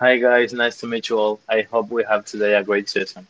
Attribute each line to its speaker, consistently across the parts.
Speaker 1: Hi guys, nice to meet you all. I hope we have today a great session.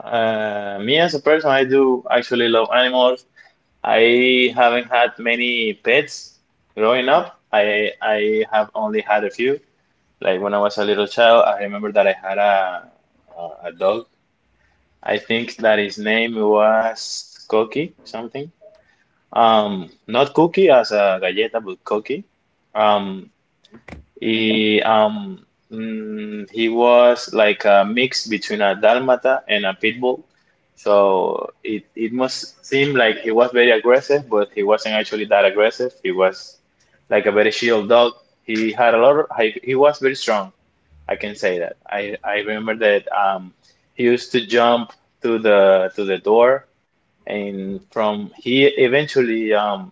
Speaker 1: Me as a person, I do actually love animals. I haven't had many pets growing up. I have only had a few. Like when I was a little child, I remember that I had a dog. I think that his name was Cookie something. Not Cookie as a galleta, but Cookie. Um, He um he was like a mix between a Dalmata and a pit bull. So it must seem like he was very aggressive, but he wasn't actually that aggressive. He was like a very chill dog. He had a lot of, he was very strong. I can say that. I remember that he used to jump to the door and from he eventually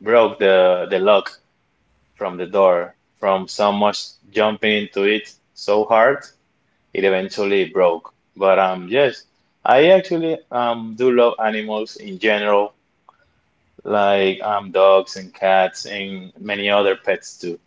Speaker 1: broke the lock from the door from so much jumping into it so hard it eventually broke. But yes, I actually do love animals in general, like dogs and cats and many other pets too.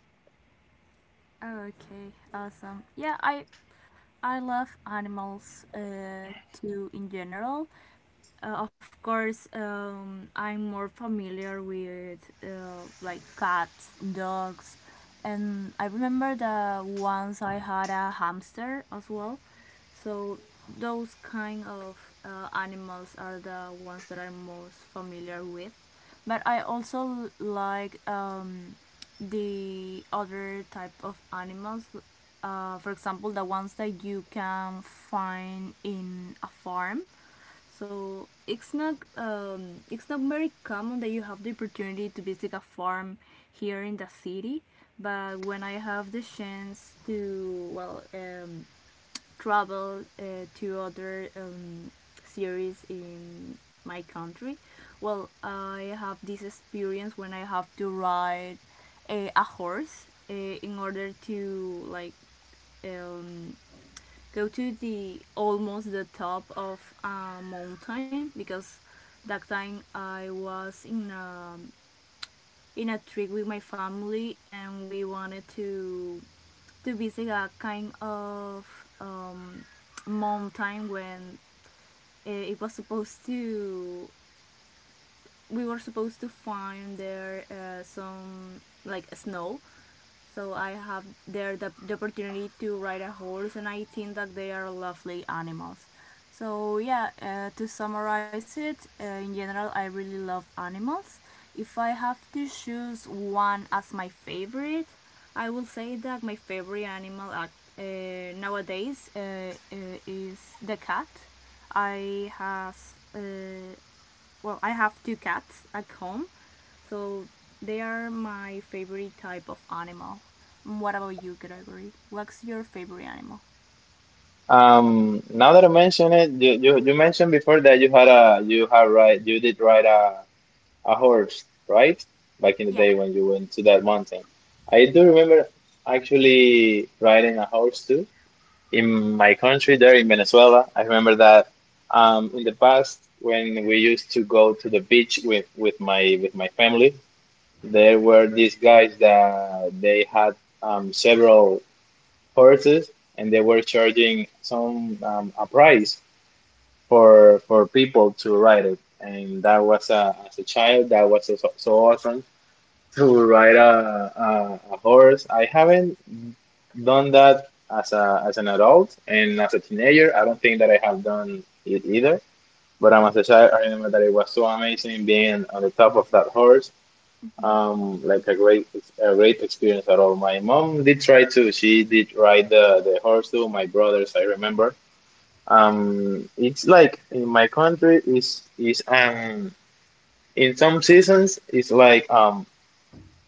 Speaker 1: Now that I mention it, you mentioned before that you had a you had ride you did ride a horse, right? Back in the day when you went to that mountain. I do remember actually riding a horse too. In my country there in Venezuela. I remember that in the past when we used to go to the beach with my family, there were these guys that they had several horses and they were charging some a price for people to ride it. And that was as a child that was so, so awesome to ride a horse. I haven't done that as a as an adult and as a teenager. I don't think that I have done it either. But as a child, I remember that it was so amazing being on the top of that horse. Like a great experience at all. My mom did try to. She did ride the horse too. My brothers, I remember. It's like in my country is in some seasons it's like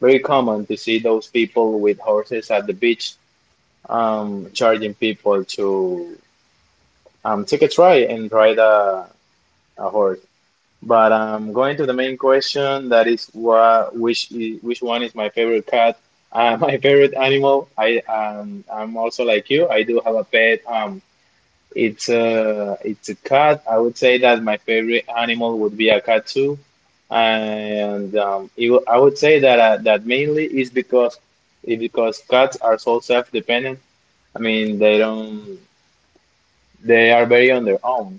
Speaker 1: very common to see those people with horses at the beach charging people to take a try and ride a horse. But going to the main question, that is which one is my favorite cat? My favorite animal. I'm also like you. I do have a pet. It's a cat. I would say that my favorite animal would be a cat too. I would say that that mainly is because cats are so self-dependent. I mean, they don't. They are very on their own.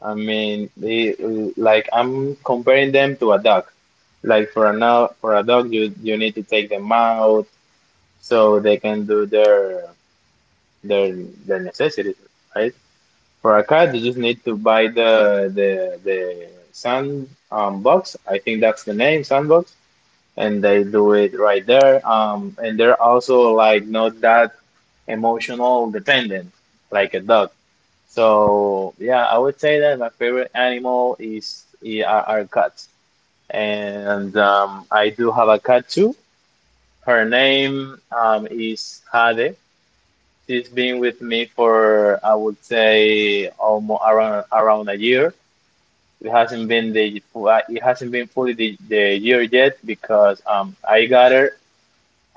Speaker 1: I mean, they like I'm comparing them to a dog. Like for a now for a dog, you need to take them out so they can do their their necessities, right? For a cat, you just need to buy the sand box. I think that's the name, sandbox, and they do it right there. And they're also like not that emotional dependent, like a dog. So yeah, I would say that my favorite animal are cats, and I do have a cat too. Her name is Jade. She's been with me for I would say almost around a year. It hasn't been fully the year yet because I got her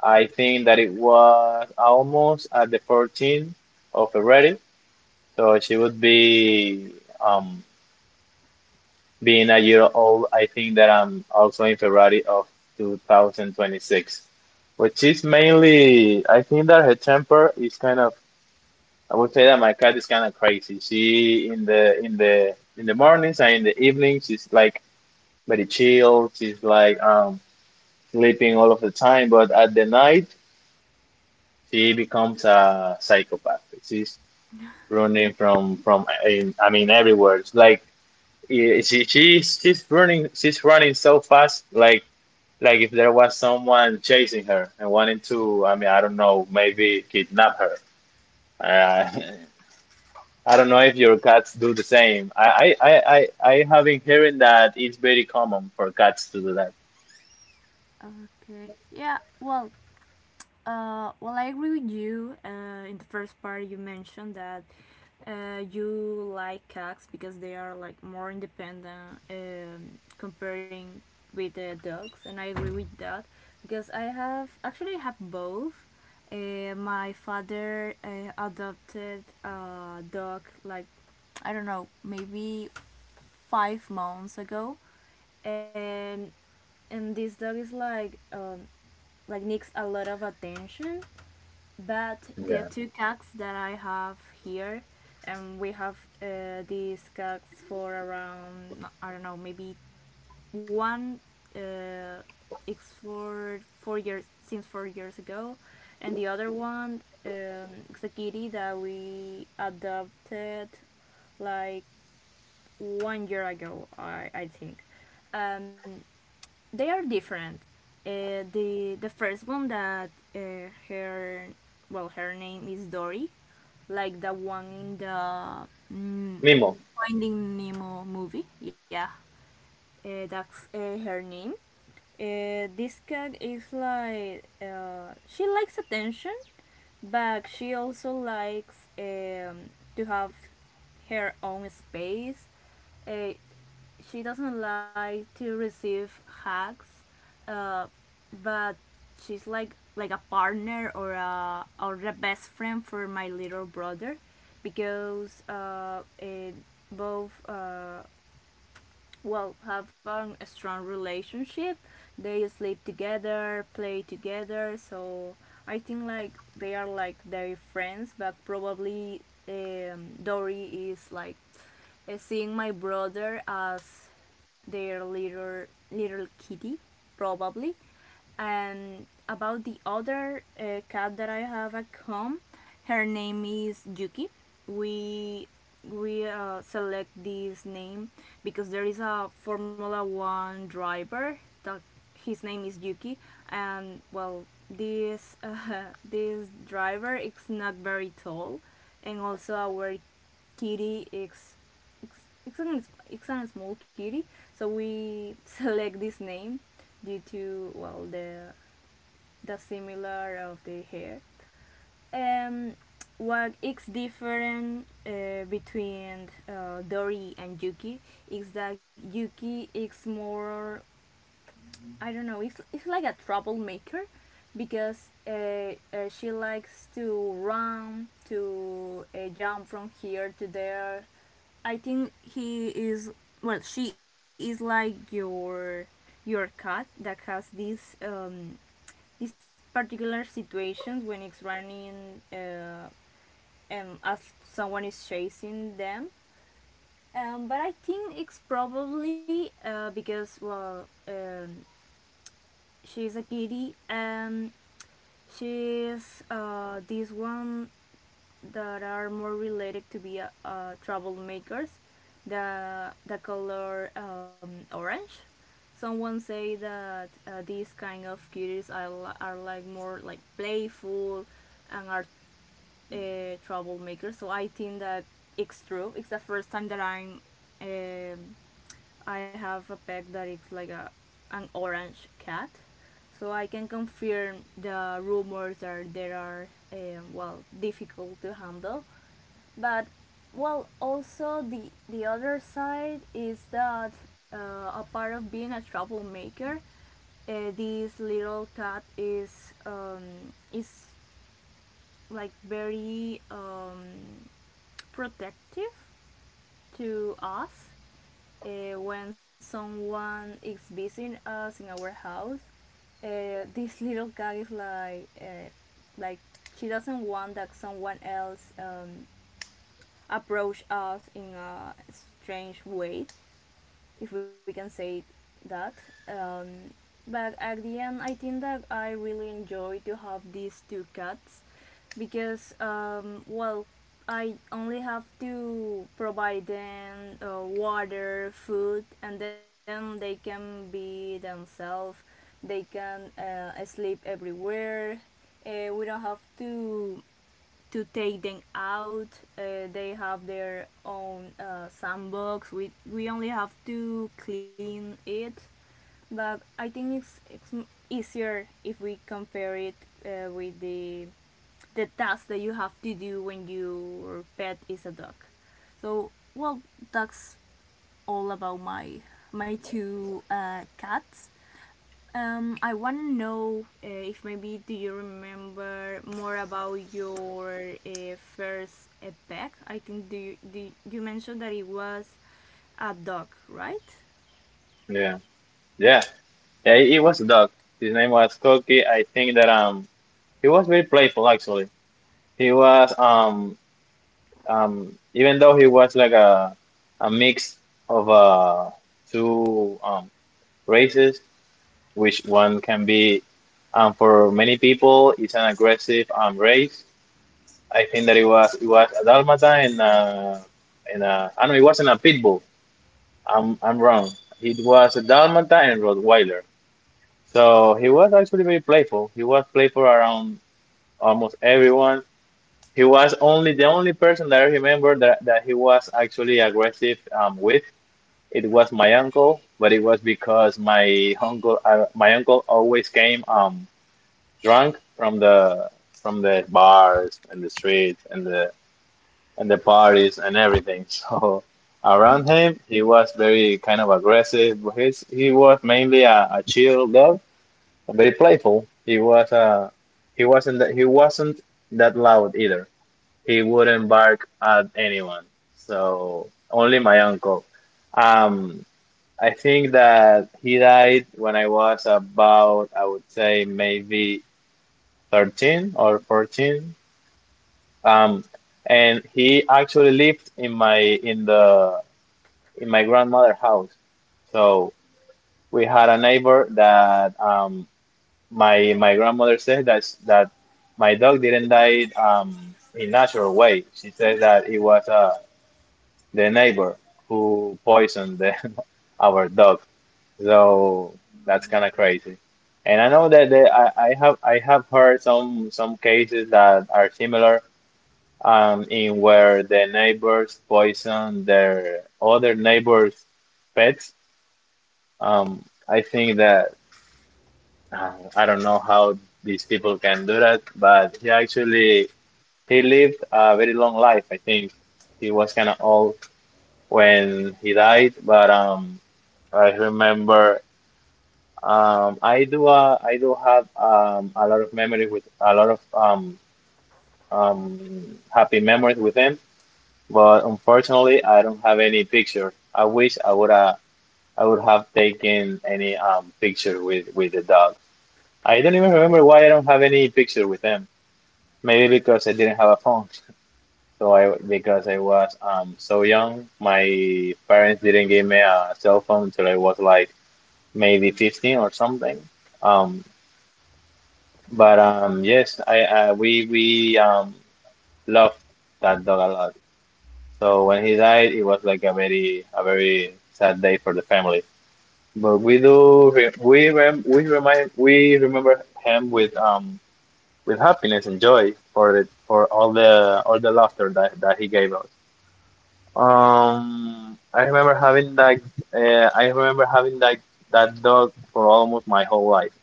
Speaker 1: I think that it was almost at the 14th of February, so she would be um being a year old. I think that I'm also in February of 2026, which is mainly I think that her temper is kind of I would say that my cat is kind of crazy. She in the mornings and in the evenings she's like very chill. She's like sleeping all of the time, but at the night. She becomes a psychopath. She's running from I mean everywhere. It's like she's running so fast like if there was someone chasing her and wanting to I mean I don't know maybe kidnap her. Uh, I don't know if your cats do the same. I have been hearing that it's very common for cats to do that. Yeah. Mimo. Yeah. Yeah. Yeah. It was a dog. His name was Koki. I think that. He was very playful actually. He was even though he was like a mix of two races, which one can be for many people is an aggressive race. I think that it was a Dalmata and I know it wasn't a pit bull. I'm wrong. It was a Dalmata and Rottweiler. So he was actually very playful. He was playful around almost everyone. He was only the only person that I remember that he was actually aggressive with. It was my uncle, but it was because my uncle always came drunk from the bars and the streets and the parties and everything. So around him, he was very kind of aggressive. But he was mainly a chill dog, very playful. He was he wasn't that loud either. He wouldn't bark at anyone, so only my uncle. Um, I think that he died when I was about, I would say maybe 13 or 14. Um, and he actually lived in my in the in my grandmother's house. So we had a neighbor that my my grandmother said that my dog didn't die in natural way. She said that it was a the neighbor who poisoned the, our dog. So that's kind of crazy. And I know that they, I have heard some cases that are similar in where the neighbors poison their other neighbors' pets. I think that uh, I don't know how these people can do that, but he lived a very long life. I think he was kind of old when he died, but I remember I do have a lot of memories with a lot of happy memories with him, but unfortunately I don't have any picture. I wish I would have taken any picture with the dog. I don't even remember why I don't have any picture with him. Maybe because I didn't have a phone. So I because I was so young, my parents didn't give me a cell phone until I was like maybe 15 or something. Um, but yes, I we loved that dog a lot. So when he died, it was like a very sad day for the family. But we do re we rem we remind we remember him with happiness and joy for it, for all the laughter that that he gave us. Um, I remember having that I remember having that dog for almost my whole life.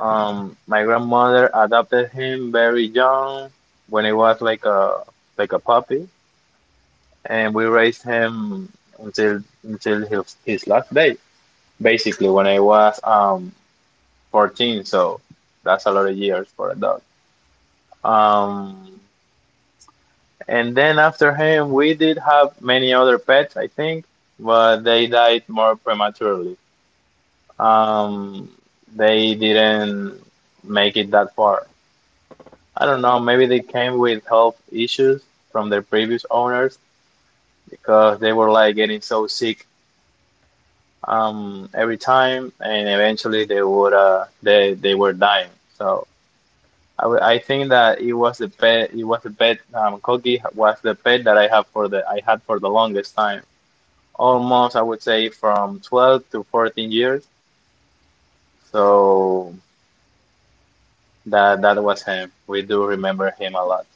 Speaker 1: My grandmother adopted him very young when he was like a puppy, and we raised him until his last day, basically when I was 14. So that's a lot of years for a dog. Um, and then after him, we did have many other pets, I think, but they died more prematurely. Um, they didn't make it that far. I don't know, maybe they came with health issues from their previous owners because they were like getting so sick every time and eventually they would they were dying. So I think that it was the pet Kogi was the pet that I had for the longest time. Almost I would say from 12 to 14 years. So that that was him. We do remember him a lot.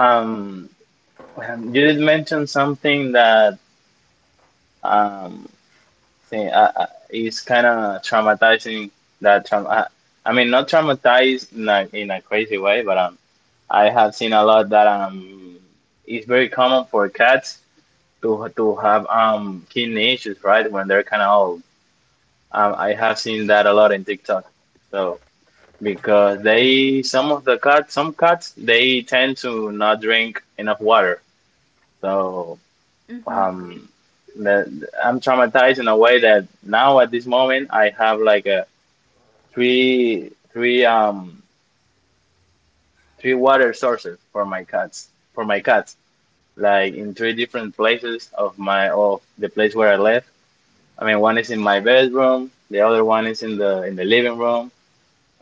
Speaker 1: Um you did mention something that um is kind of traumatizing. That trauma, I mean, not traumatized in a crazy way, but I have seen a lot that it's very common for cats to have kidney issues, right? When they're kind of old. I have seen that a lot in TikTok. So because they some of the cats, some cats, they tend to not drink enough water. So. um I'm traumatized in a way that now at this moment I have like a three three um three water sources for my cats for my cats, like in three different places of my of the place where I live. I mean, one is in my bedroom, the other one is in the living room,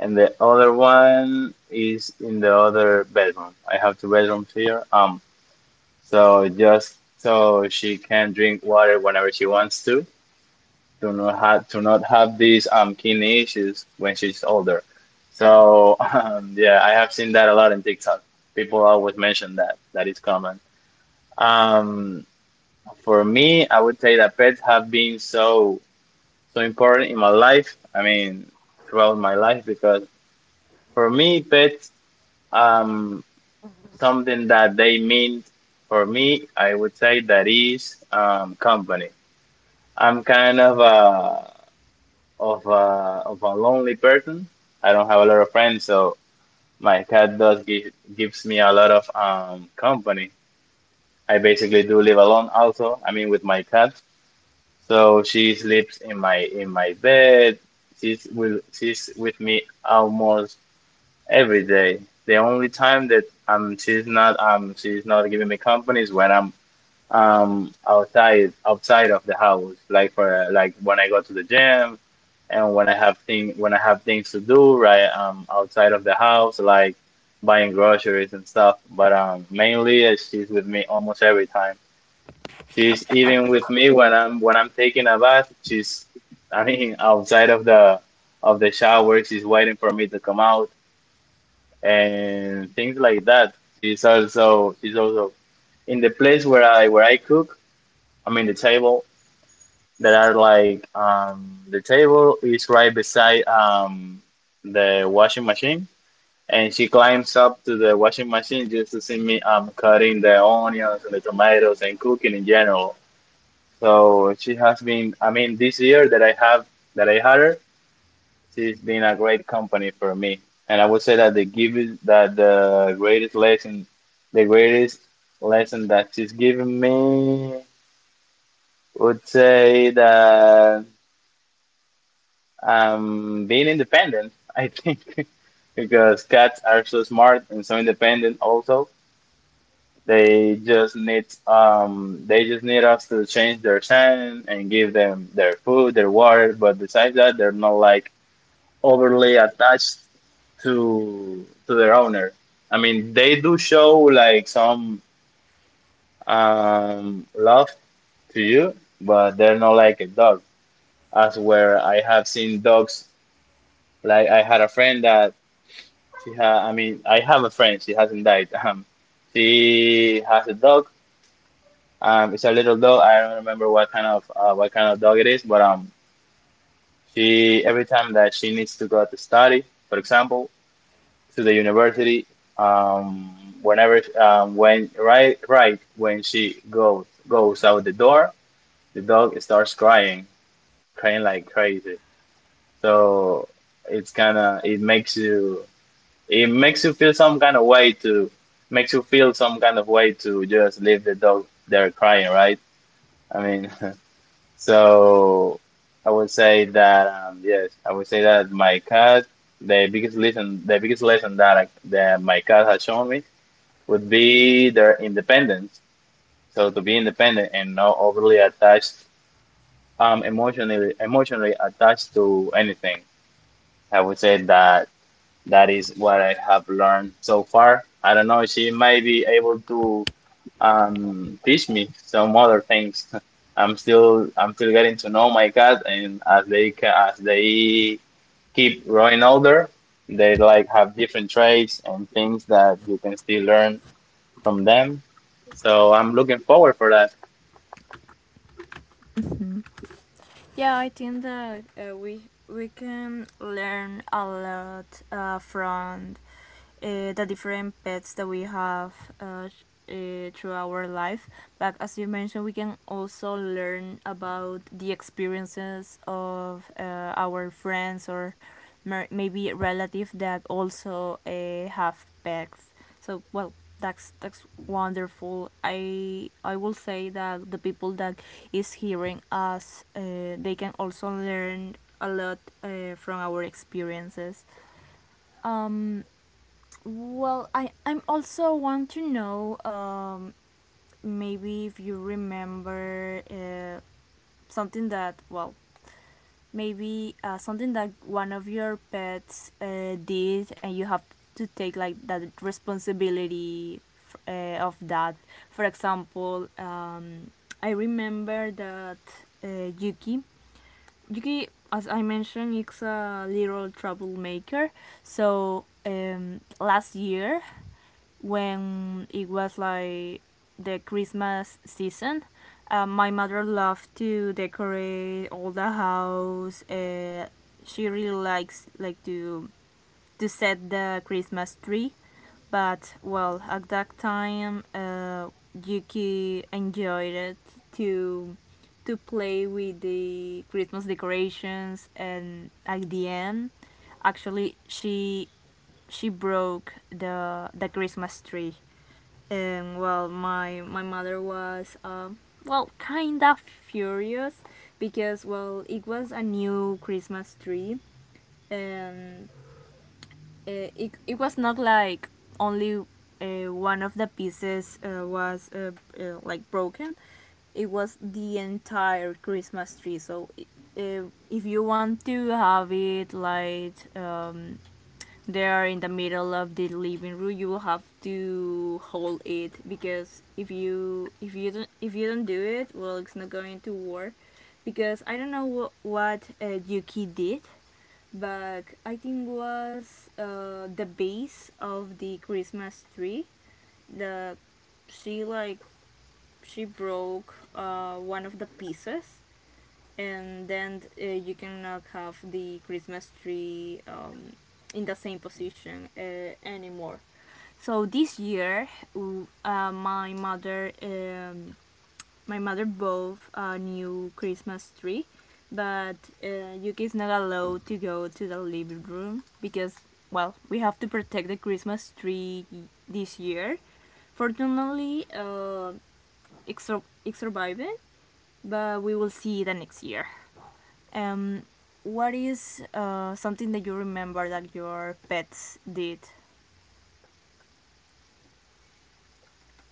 Speaker 1: and the other one is in the other bedroom. I have two bedrooms here. So just so she can drink water whenever she wants to not have these kidney issues when she's older. So yeah, I have seen that a lot in TikTok. People always mention that that is common. Um, for me, I would say that pets have been so important in my life. I mean, throughout my life, because for me, pets um something that they mean for me, I would say, that is company. I'm kind of a lonely person. I don't have a lot of friends, so my cat does give gives me a lot of company. I basically do live alone also, I mean with my cat. So she sleeps in my bed. She's with me almost every day. The only time that she's not, she's not giving me company is when I'm outside of the house, like for like when I go to the gym and when I have things to do, right? Outside of the house, like buying groceries and stuff, but mainly, she's with me almost every time. She's even with me when I'm taking a bath. She's, I mean, outside of the shower, she's waiting for me to come out, and things like that. She's also in the place where I cook. I mean, the table that are like, the table is right beside the washing machine, and she climbs up to the washing machine just to see me cutting the onions and the tomatoes and cooking in general. So she has been, I mean, this year that I have that I had her, she's been a great company for me. And I would say that the give that the greatest the greatest lesson that she's given me, would say that being independent, I think, because cats are so smart and so independent also. They just need us to change their sand and give them their food, their water, but besides that, they're not like overly attached to their owner. I mean, they do show like some love to you, but they're not like a dog. As where I have seen dogs, like I had a friend that She ha I mean, I have a friend. She hasn't died. She has a dog. It's a little dog. I don't remember what kind of dog it is, but she, every time that she needs to go to study, for example, to the university, um, whenever when right right when she goes out the door, the dog starts crying, crying like crazy. So it's kind of it makes you, it makes you feel some kind of way to makes you feel some kind of way to just leave the dog there crying, right? I mean, so I would say that yes, I would say that my cat the biggest lesson that my cat has shown me would be their independence. So to be independent and not overly attached, emotionally attached to anything. I would say that that is what I have learned so far. I don't know, she may be able to teach me some other things. I'm still getting to know my cat, and as they keep growing older, they like have different traits and things that you can still learn from them. So I'm looking forward for that.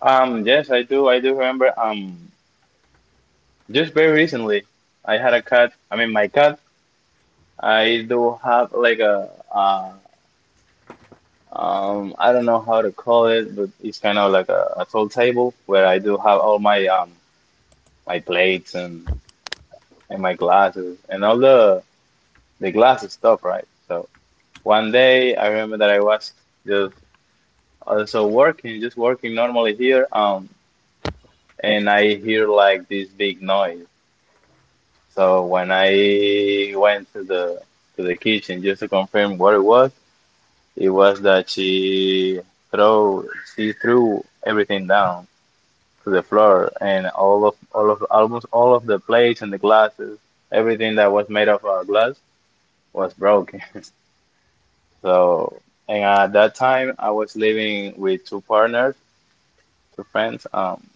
Speaker 1: Yes, I do. I do remember. Just very recently, I had a cat. I mean, my cat. I do have like a, I don't know how to call it, but it's kind of like a tall table where I do have all my my plates and my glasses and all the glasses stuff, right? So one day I remember that I was just also working, just working normally here, and I hear like this big noise. So when I went to the kitchen just to confirm what it was that throw she threw everything down to the floor, and all of almost all of the plates and the glasses, everything that was made of glass, was broken. So, and at that time, I was living with two partners, two friends,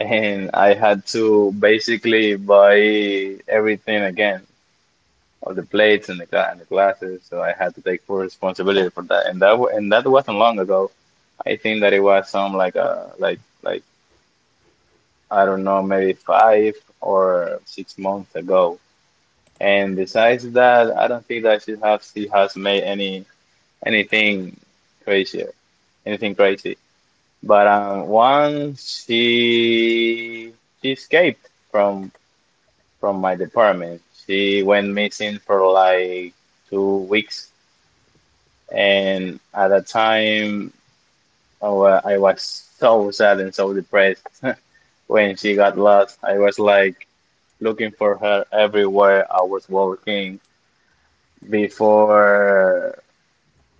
Speaker 1: and I had to basically buy everything again, all the plates and the glasses. So I had to take full responsibility for that, and that wasn't long ago. I think that it was some like, I don't know, maybe 5 or 6 months ago. And besides that, I don't think that she has made anything crazy, anything crazy. But once she escaped from my department. She went missing for like 2 weeks, and at that time, I was so sad and so depressed when she got lost. I was like looking for her everywhere. I was walking before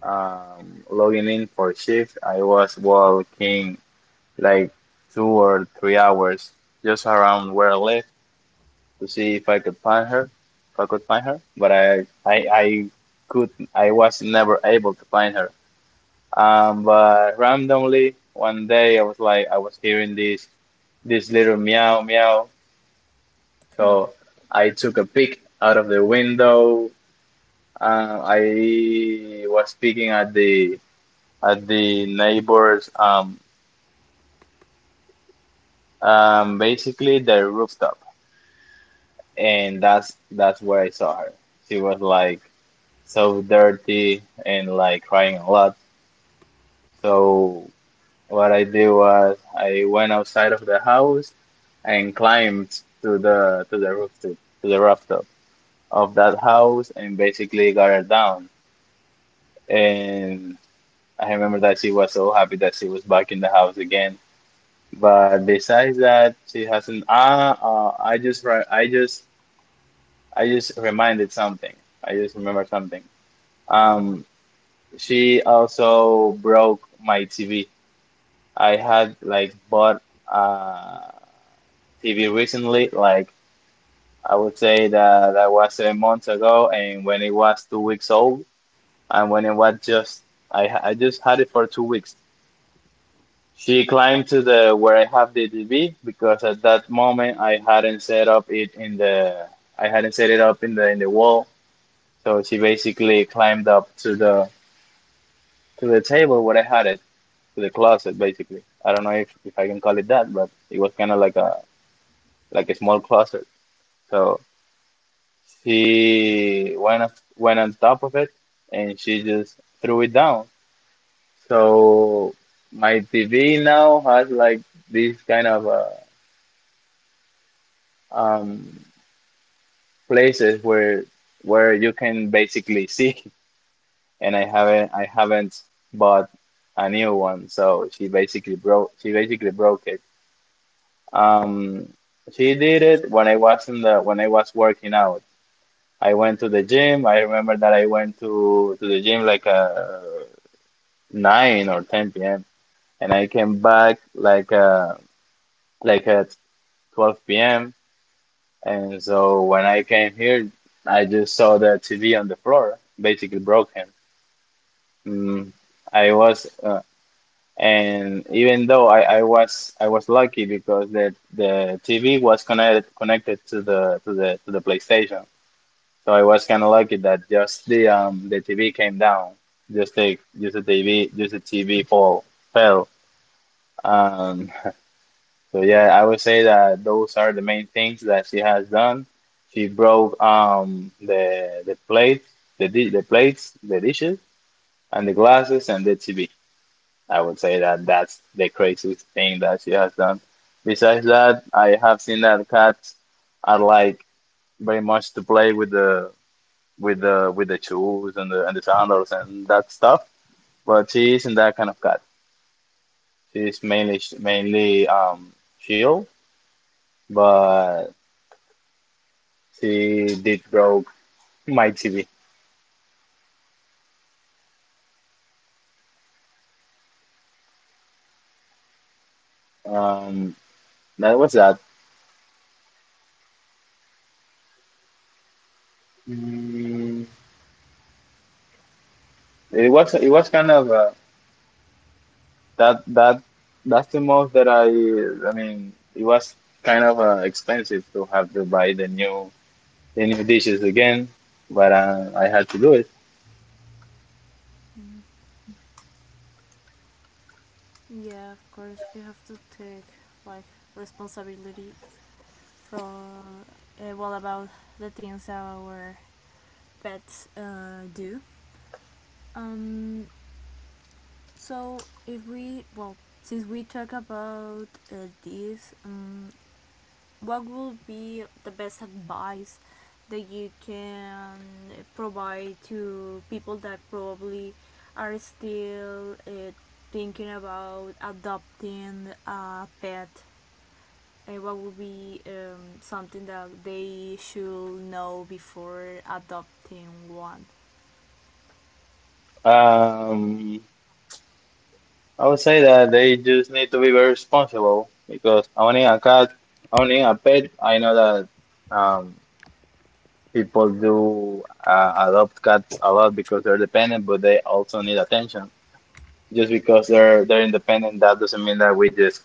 Speaker 1: logging in for shift. I was walking like 2 or 3 hours just around where I live to see if I could find her, if I could find her. But I could, I was never able to find her. But randomly one day I was like, I was hearing this, this little meow meow. So I took a peek out of the window. I was peeking at the neighbor's basically the rooftop, and that's where I saw her. She was like so dirty and like crying a lot. So what I did was I went outside of the house and climbed to the rooftop of that house and basically got her down. And I remember that she was so happy that she was back in the house again. But besides that, she hasn't. I just reminded something. I just remember something. Um, she also broke my TV. I had like bought a TV recently. Like I would say that that was 7 months ago, and when it was 2 weeks old, and when it was just I just had it for 2 weeks. She climbed to the where I have the DB because at that moment I hadn't set it up in the wall. So she basically climbed up to the table where I had it, to the closet basically. I don't know if I can call it that, but it was kind of like a small closet. So she went on top of it and she just threw it down. So my TV now has like this kind of a um places where you can basically see, and I haven't bought a new one. So she basically broke it. um she did it when I was in the when I was working out. I went to the gym. I remember that I went to the gym like 9 or 10 p.m. and I came back like at 12 p.m. And so when I came here, I just saw the TV on the floor basically broken. Mm, I was, and even though I was lucky, because that the TV was connected to the PlayStation, so I was kind of lucky that just the TV came down, just the TV fall fell. Um, so yeah, I would say that those are the main things that she has done. She broke the plates the di the plates the dishes and the glasses and the TV. I would say that that's the craziest thing that she has done. Besides that, I have seen that cats are like very much to play with the with the with the shoes and the sandals and that stuff. But she isn't that kind of cat. She's mainly chill, but she did broke my TV. Um, that was that. Mm, it was kind of. That that That's the most that it was kind of expensive to have to buy the new dishes again, but I had to do it.
Speaker 2: Mm. Yeah, of course, we have to take like responsibility for well about the things our pets do. Um, so if we well, since we talk about this, what would be the best advice that you can provide to people that probably are still thinking about adopting a pet? What would be something that they should know before adopting one?
Speaker 1: Um, I would say that they just need to be very responsible because owning a cat, owning a pet, I know that um, people do adopt cats a lot because they're dependent, but they also need attention. Just because they're independent, that doesn't mean that we just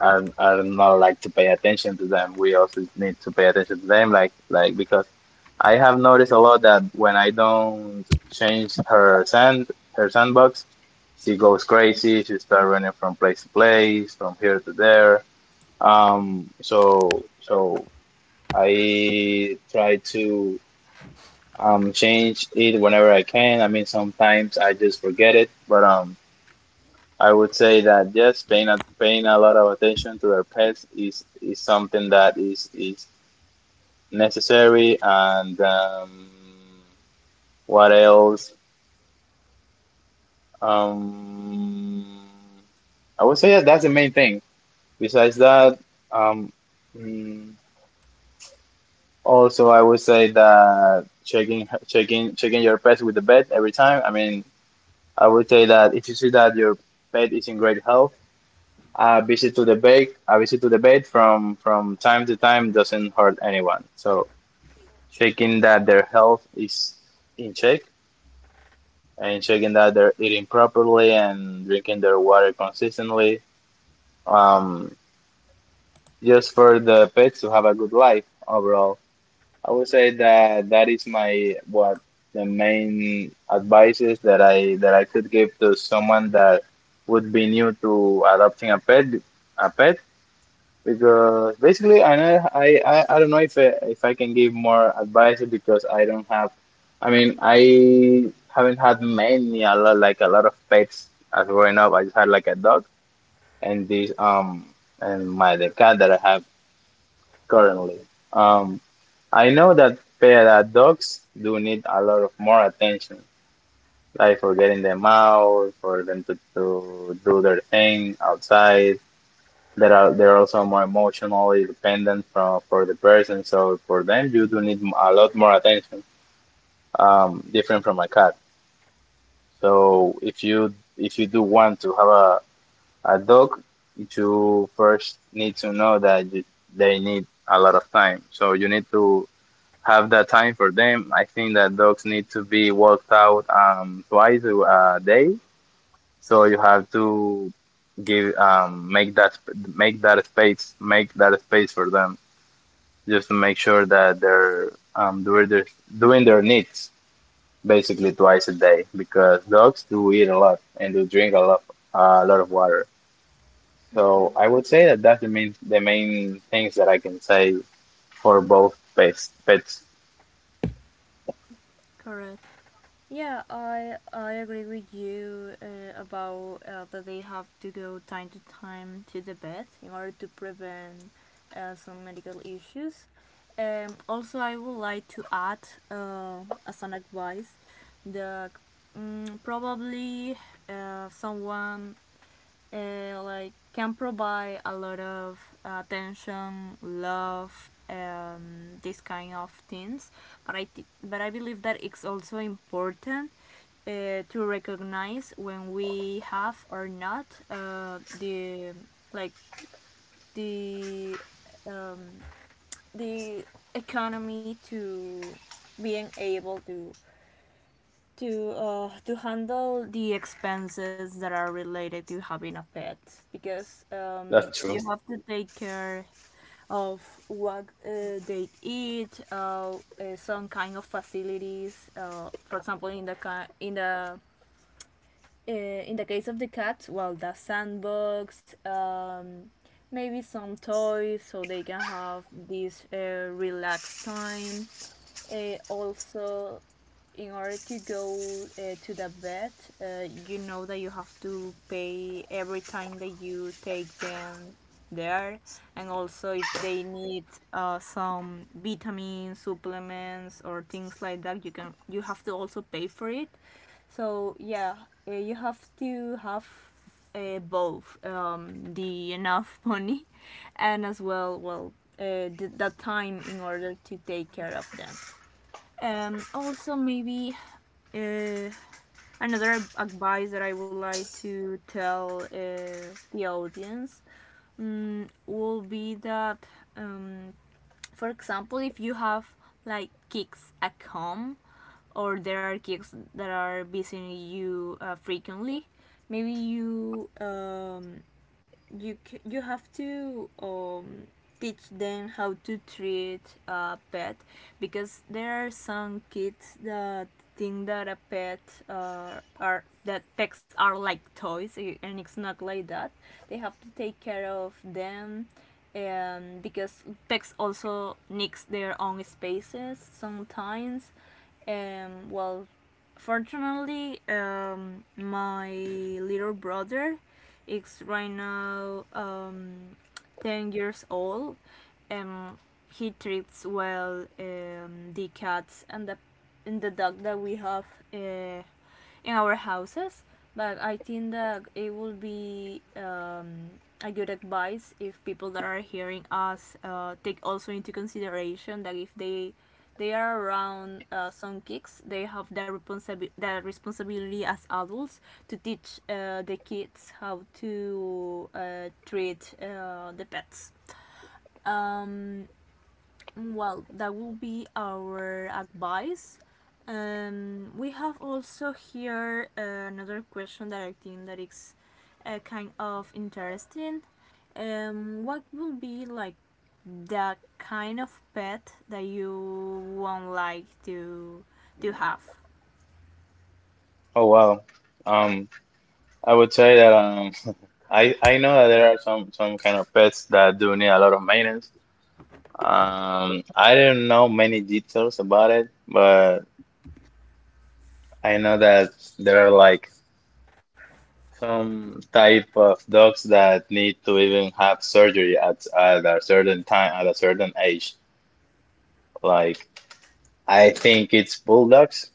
Speaker 1: I'm not like to pay attention to them. We also need to pay attention to them, like because I have noticed a lot that when I don't change her sandbox, she goes crazy. She starts running from place to place, from here to there. So I try to change it whenever I can. I mean, sometimes I just forget it, but. I would say that yes, paying a lot of attention to their pets is something that is necessary. And what else? Um, I would say that that's the main thing. Besides that, um, mm, also I would say that checking your pets with the vet every time. I mean, I would say that if you see that your pet is in great health. A visit to the bake, a visit to the bait from time to time doesn't hurt anyone. So checking that their health is in check, and checking that they're eating properly and drinking their water consistently. Um, just for the pets to have a good life overall. I would say that that is my what the main advices that I could give to someone that would be new to adopting a pet. Because basically, I know I don't know if I can give more advice because I mean, I haven't had many a lot like a lot of pets as growing up. I just had like a dog and this um and my the cat that I have currently. Um, I know that pet that dogs do need a lot of more attention, like for getting them out, for them to do their thing outside, that are they're also more emotionally dependent from for the person. So for them, you do need a lot more attention, different from a cat. So if you do want to have a dog, you first need to know that you, they need a lot of time. So you need to have that time for them. I think that dogs need to be walked out twice a day. So you have to give make that space for them. Just to make sure that they're doing their needs basically twice a day because dogs do eat a lot and do drink a lot of water. So I would say that that's the main things that I can say for both pets. Pets.
Speaker 2: Correct. Yeah, I agree with you about that they have to go time to time to the vet in order to prevent some medical issues. Also, I would like to add uh, as an advice that probably someone like can provide a lot of attention, love, this kind of things. But but I believe that it's also important to recognize when we have or not the like the um, the economy to being able to to handle the expenses that are related to having a pet because
Speaker 1: That's true.
Speaker 2: you have to take care of what they eat, some kind of facilities. For example, in the case of the cats, well, the sandbox, maybe some toys so they can have this relaxed time also, in order to go to the vet, you know that you have to pay every time that you take them there, and also if they need some vitamin supplements or things like that, you have to also pay for it. So yeah, you have to have both the enough money and as well well the time in order to take care of them. Also, maybe uh, another advice that I would like to tell the audience will be that, um, for example, if you have like kicks at home, or there are kicks that are visiting you frequently, maybe you have to teach them how to treat a pet because there are some kids that think that a pet are that pets are like toys eh, and it's not like that they have to take care of them because pets also needs their own spaces sometimes well fortunately, my little brother is right now 10 years old and he treats well the cats and and the dog that we have uh, in our houses. But I think that it would be a good advice if people that are hearing us take also into consideration that if they they are around some kids they have the responsibility as adults to teach the kids how to treat the pets um, well, that will be our advice. We have also here another question that I think that is kind of interesting. What will be like the kind of pet that you won't like to have?
Speaker 1: Oh wow. Um, I would say that I know that there are some kind of pets that do need a lot of maintenance. I don't know many details about it, but I know that there are like some type of dogs that need to even have surgery at a certain time at a certain age, like I think it's bulldogs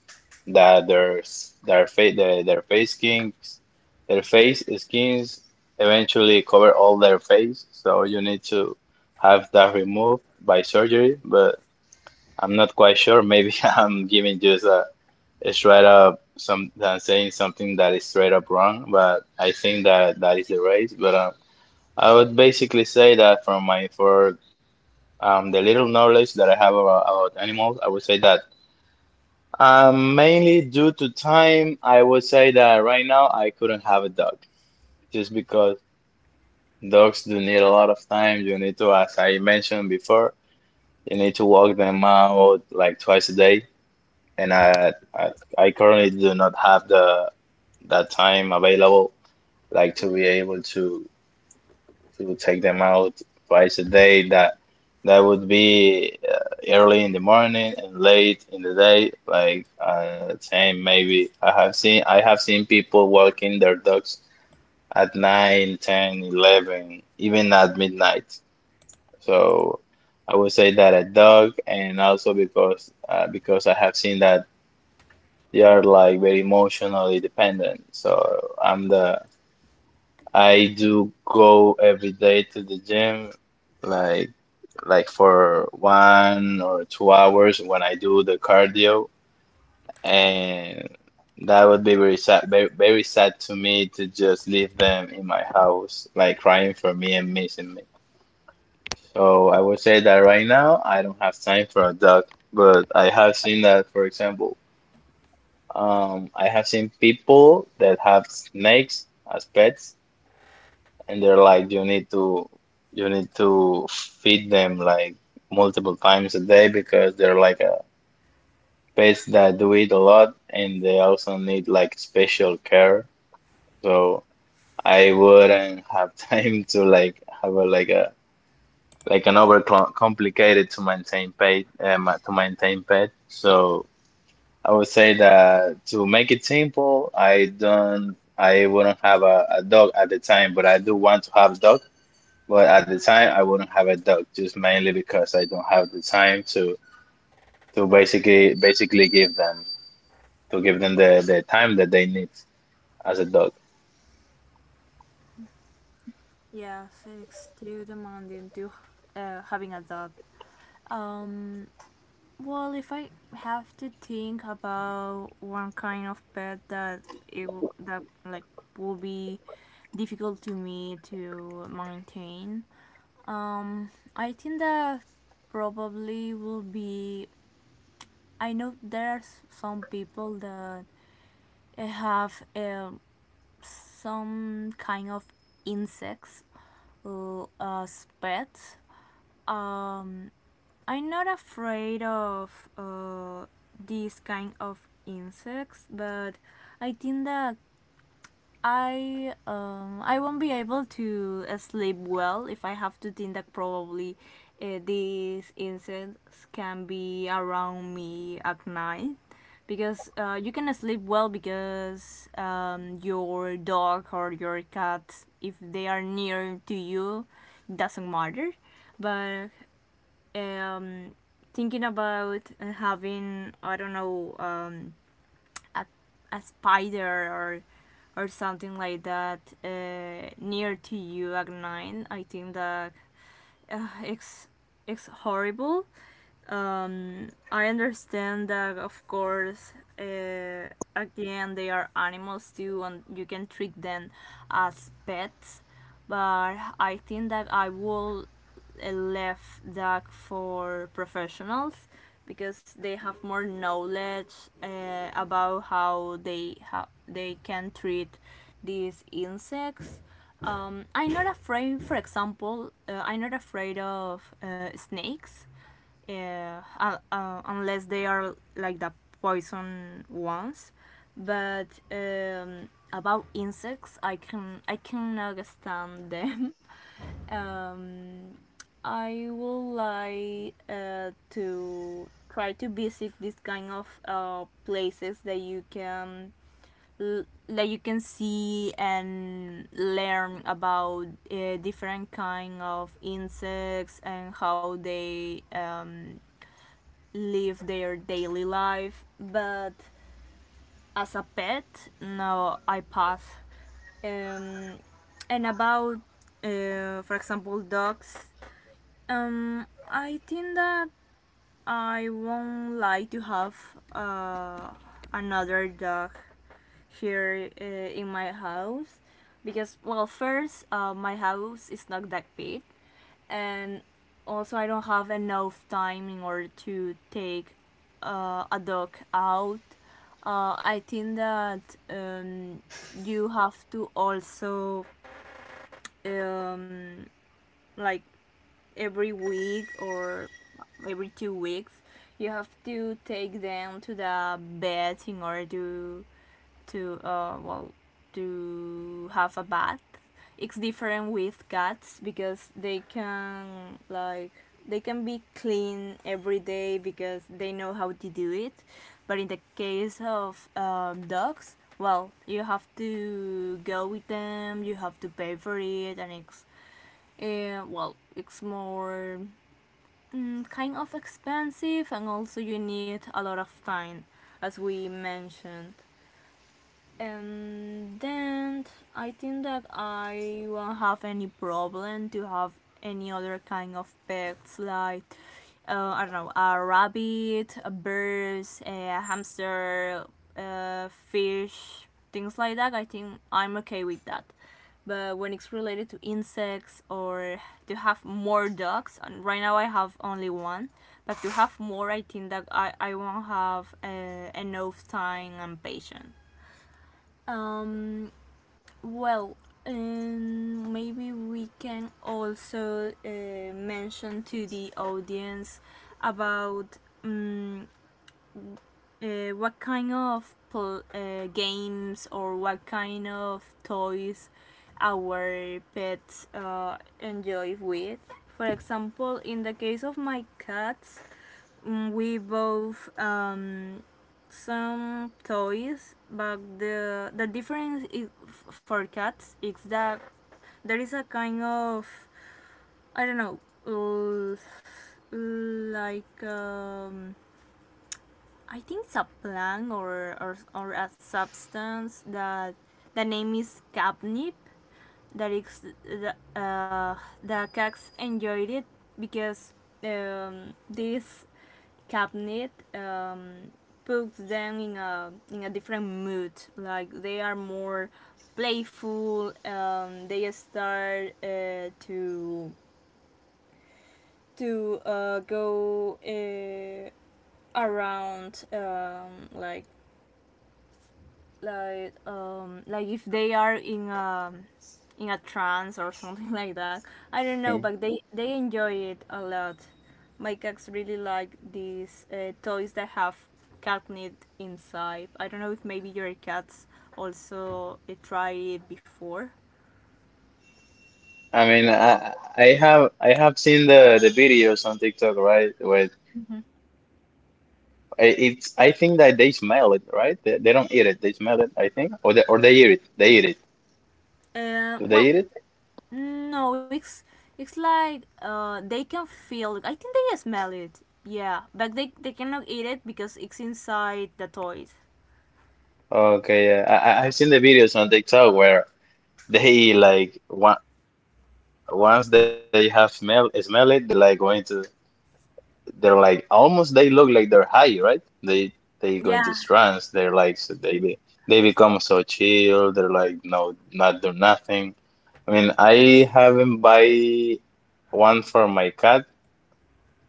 Speaker 1: that their face their face skins eventually cover all their face, so you need to have that removed by surgery. But I'm not quite sure, maybe I'm giving a straight up, some saying something that is straight up wrong, but I think that that is the race. But I would basically say that from my for the little knowledge that I have about animals, I would say that mainly due to time, I would say that right now I couldn't have a dog just because dogs do need a lot of time. You need to, as I mentioned before, you need to walk them out like twice a day, and I currently do not have the that time available like to be able to take them out twice a day. That that would be early in the morning and late in the day. Like same maybe I have seen people walking their dogs at 9, 10, 11, even at midnight. So I would say that a dog, and also because I have seen that they are like very emotionally dependent. So I do go every day to the gym, like like for 1 or 2 hours when I do the cardio, and that would be very sad, very, very sad to me to just leave them in my house, like crying for me and missing me. So I would say that right now I don't have time for a dog, but I have seen that, for example, I have seen people that have snakes as pets, and they're like, you need to feed them like multiple times a day because they're like a pets that do it a lot, and they also need like special care. So I wouldn't have time to like have a like an over complicated to maintain pet. So I would say that to make it simple, I wouldn't have a dog at the time, but I do want to have a dog. But at the time, I wouldn't have a dog just mainly because I don't have the time to basically give them the time that they need. As a dog.
Speaker 2: Yeah, so it's too demanding to having a dog. Um, Well, if I have to think about one kind of pet that that like will be difficult to me to maintain, um, I think that probably will be. I know there's some people that have some kind of insects as pets. Um, I'm not afraid of these kind of insects, but I think that I won't be able to sleep well if I have to think that probably these insects can be around me at night because you can sleep well because your dog or your cat if they are near to you it doesn't matter but um, thinking about having I don't know a a spider or something like that near to you at night. I think that uh, it's it's horrible. I understand that, of course, uh, at the end they are animals too, and you can treat them as pets. But I think that I will left that for professionals because they have more knowledge about how they can treat these insects. I'm not afraid, for example, I'm not afraid of snakes yeah, unless they are like the poison ones. But about insects, I can understand them. Um, I would like to try to visit this kind of places that you can see and learn about different kind of insects and how they live their daily life, but as a pet, no, I pass. Um, and about, for example, dogs, I think that I won't like to have uh, another dog here in my house because, well, first, my house is not that big, and also I don't have enough time in order to take a dog out. I think that um, you have to also um, like every week or every 2 weeks you have to take them to the vet in order to well to have a bath. It's different with cats because they can like they can be clean every day because they know how to do it. But in the case of dogs, well, you have to go with them. You have to pay for it, and it's well, it's more kind of expensive, and also you need a lot of time, as we mentioned, and then I think that I won't have any problem to have any other kind of pets like I don't know, a rabbit, a bird, a hamster, a fish, things like that. I think I'm okay with that. But when it's related to insects or to have more dogs, and right now I have only one, but to have more, I think that I won't have enough time and patience. Um, well, maybe we can also mention to the audience about um, what kind of games or what kind of toys our pets enjoy with. For example, in the case of my cats, mm, we both some toys, but the difference is, for cats is that there is a kind of I don't know l- like I think it's a plant or a substance that the name is catnip, that is the cats enjoyed it because this cabinet puts them in a different mood. Like they are more playful. They start to go around like like if they are in a trance or something like that. I don't know,
Speaker 1: Hmm.
Speaker 2: but they enjoy it a lot. My cats really like these toys that have catnip inside. I don't know if maybe your cats also try it before.
Speaker 1: I mean, I have seen the videos on TikTok, right? Where
Speaker 2: Mhm.
Speaker 1: it's, I think that they smell it, right? They don't eat it. They smell it, I think, or they, or they eat it. They eat it. Do
Speaker 2: Uh,
Speaker 1: they eat it?
Speaker 2: well, no, it's it's like uh, they can feel, I think they smell it, yeah, but they cannot eat it because it's inside the toys.
Speaker 1: Okay, yeah. I've seen the videos on TikTok where they like once they have smell smell it, they're like going to, they're like almost they look like they're high, right? They go into trance. They're
Speaker 2: Yeah.
Speaker 1: like so they be, they become so chill. They're like no, not do nothing. I mean, I haven't buy one for my cat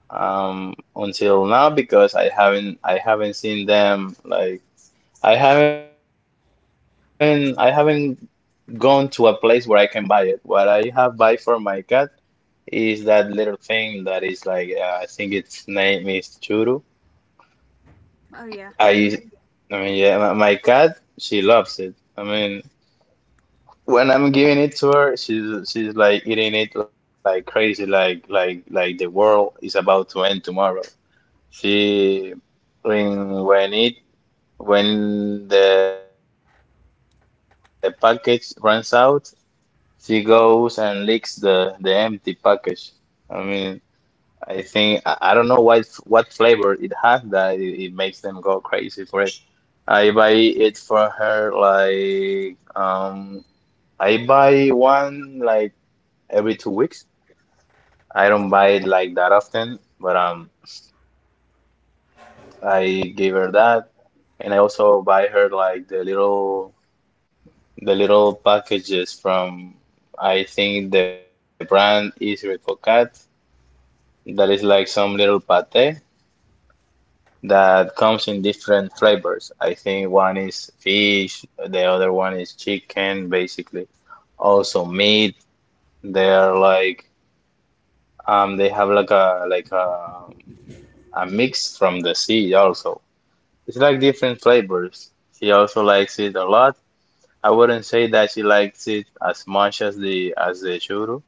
Speaker 1: until now because I haven't seen them like I haven't gone to a place where I can buy it. What I have buy for my cat is that little thing that is like I think its name is Churu.
Speaker 2: Oh yeah,
Speaker 1: I, I mean, yeah, my cat, she loves it. I mean, when I'm giving it to her, she's like eating it like crazy, like the world is about to end tomorrow. She when it when the package runs out, she goes and licks the empty package. I mean, I don't know what flavor it has that it makes them go crazy for it. I buy it for her like I buy one like every 2 weeks. I don't buy it like that often, but I gave her that, and I also buy her like the little packages from, I think the brand is Ricocat, that is like some little pate that comes in different flavors. I think one is fish, the other one is chicken, basically. Also meat. They're like they have like a mix from the sea also. It's like different flavors. She also likes it a lot. I wouldn't say that she likes it as much as the churro,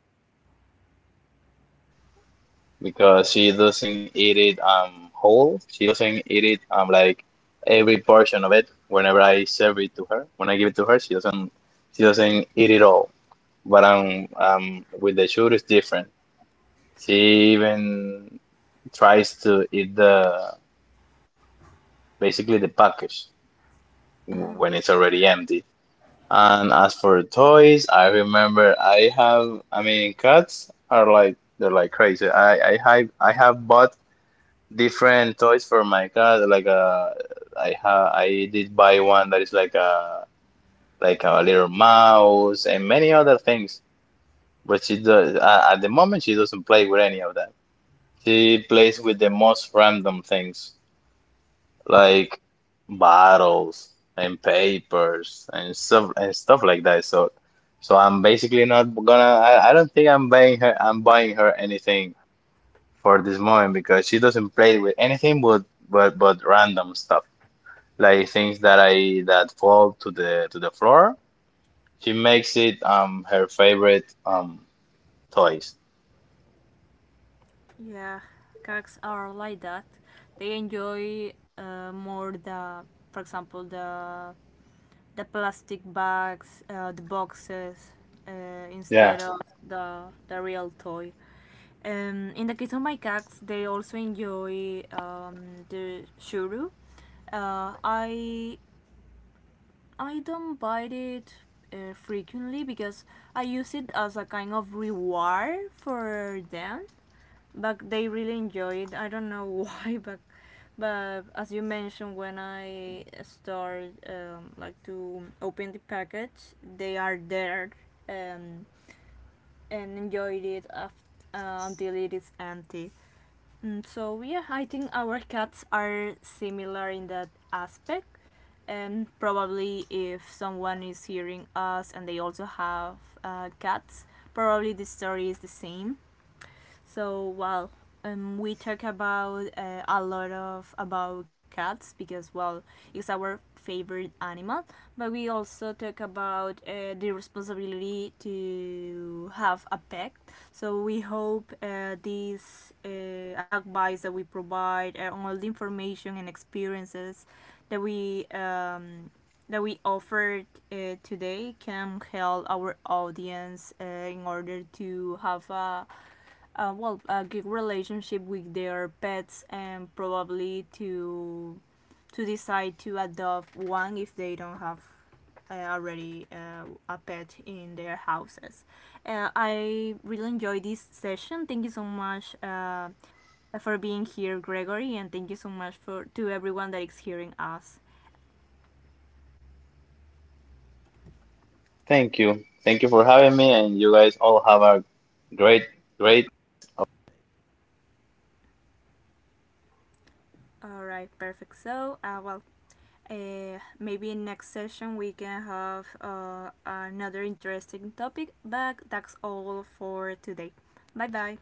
Speaker 1: because she doesn't eat it whole. She doesn't eat it like every portion of it. Whenever I serve it to her, when I give it to her, she doesn't, she doesn't eat it all. But with the shoe it's different. She even tries to eat the, basically the package when it's already empty. And as for toys, I remember I have, I mean, cats are like they're like crazy. I have bought different toys for my cat. Like I did buy one that is like a little mouse and many other things. But she does at the moment she doesn't play with any of that. She plays with the most random things like bottles and papers and stuff like that. So so I'm basically not gonna, I don't think I'm buying her anything for this moment because she doesn't play with anything but random stuff. Like things that I that fall to the floor. She makes it her favorite toys.
Speaker 2: yeah. Cats are like that. They enjoy more for example, the plastic bags, the
Speaker 1: Yeah.
Speaker 2: boxes, uh, instead of the real toy. In the case of my cats, they also enjoy the shuru. Uh, I I don't buy it frequently because I use it as a kind of reward for them, but they really enjoy it. I don't know why, but as you mentioned, when I start like to open the package, they are there and and enjoy it after, until it is empty. Mm, so yeah, I think our cats are similar in that aspect. And probably if someone is hearing us and they also have cats, probably the story is the same. So well, we talk about a lot of about cats because well, it's our favorite animal. But we also talk about the responsibility to have a pet. So we hope this advice that we provide, all the information and experiences that we um, that we offered today can help our audience in order to have a well a good relationship with their pets and probably to decide to adopt one if they don't have already a pet in their houses. I really enjoyed this session. Thank you so much for being here, Gregory, and thank you so much for to everyone that is hearing us.
Speaker 1: Thank you. Thank you for having me, and you guys all have a great great
Speaker 2: All right, perfect. So, well, maybe in next session we can have another interesting topic, but that's all for today. Bye bye.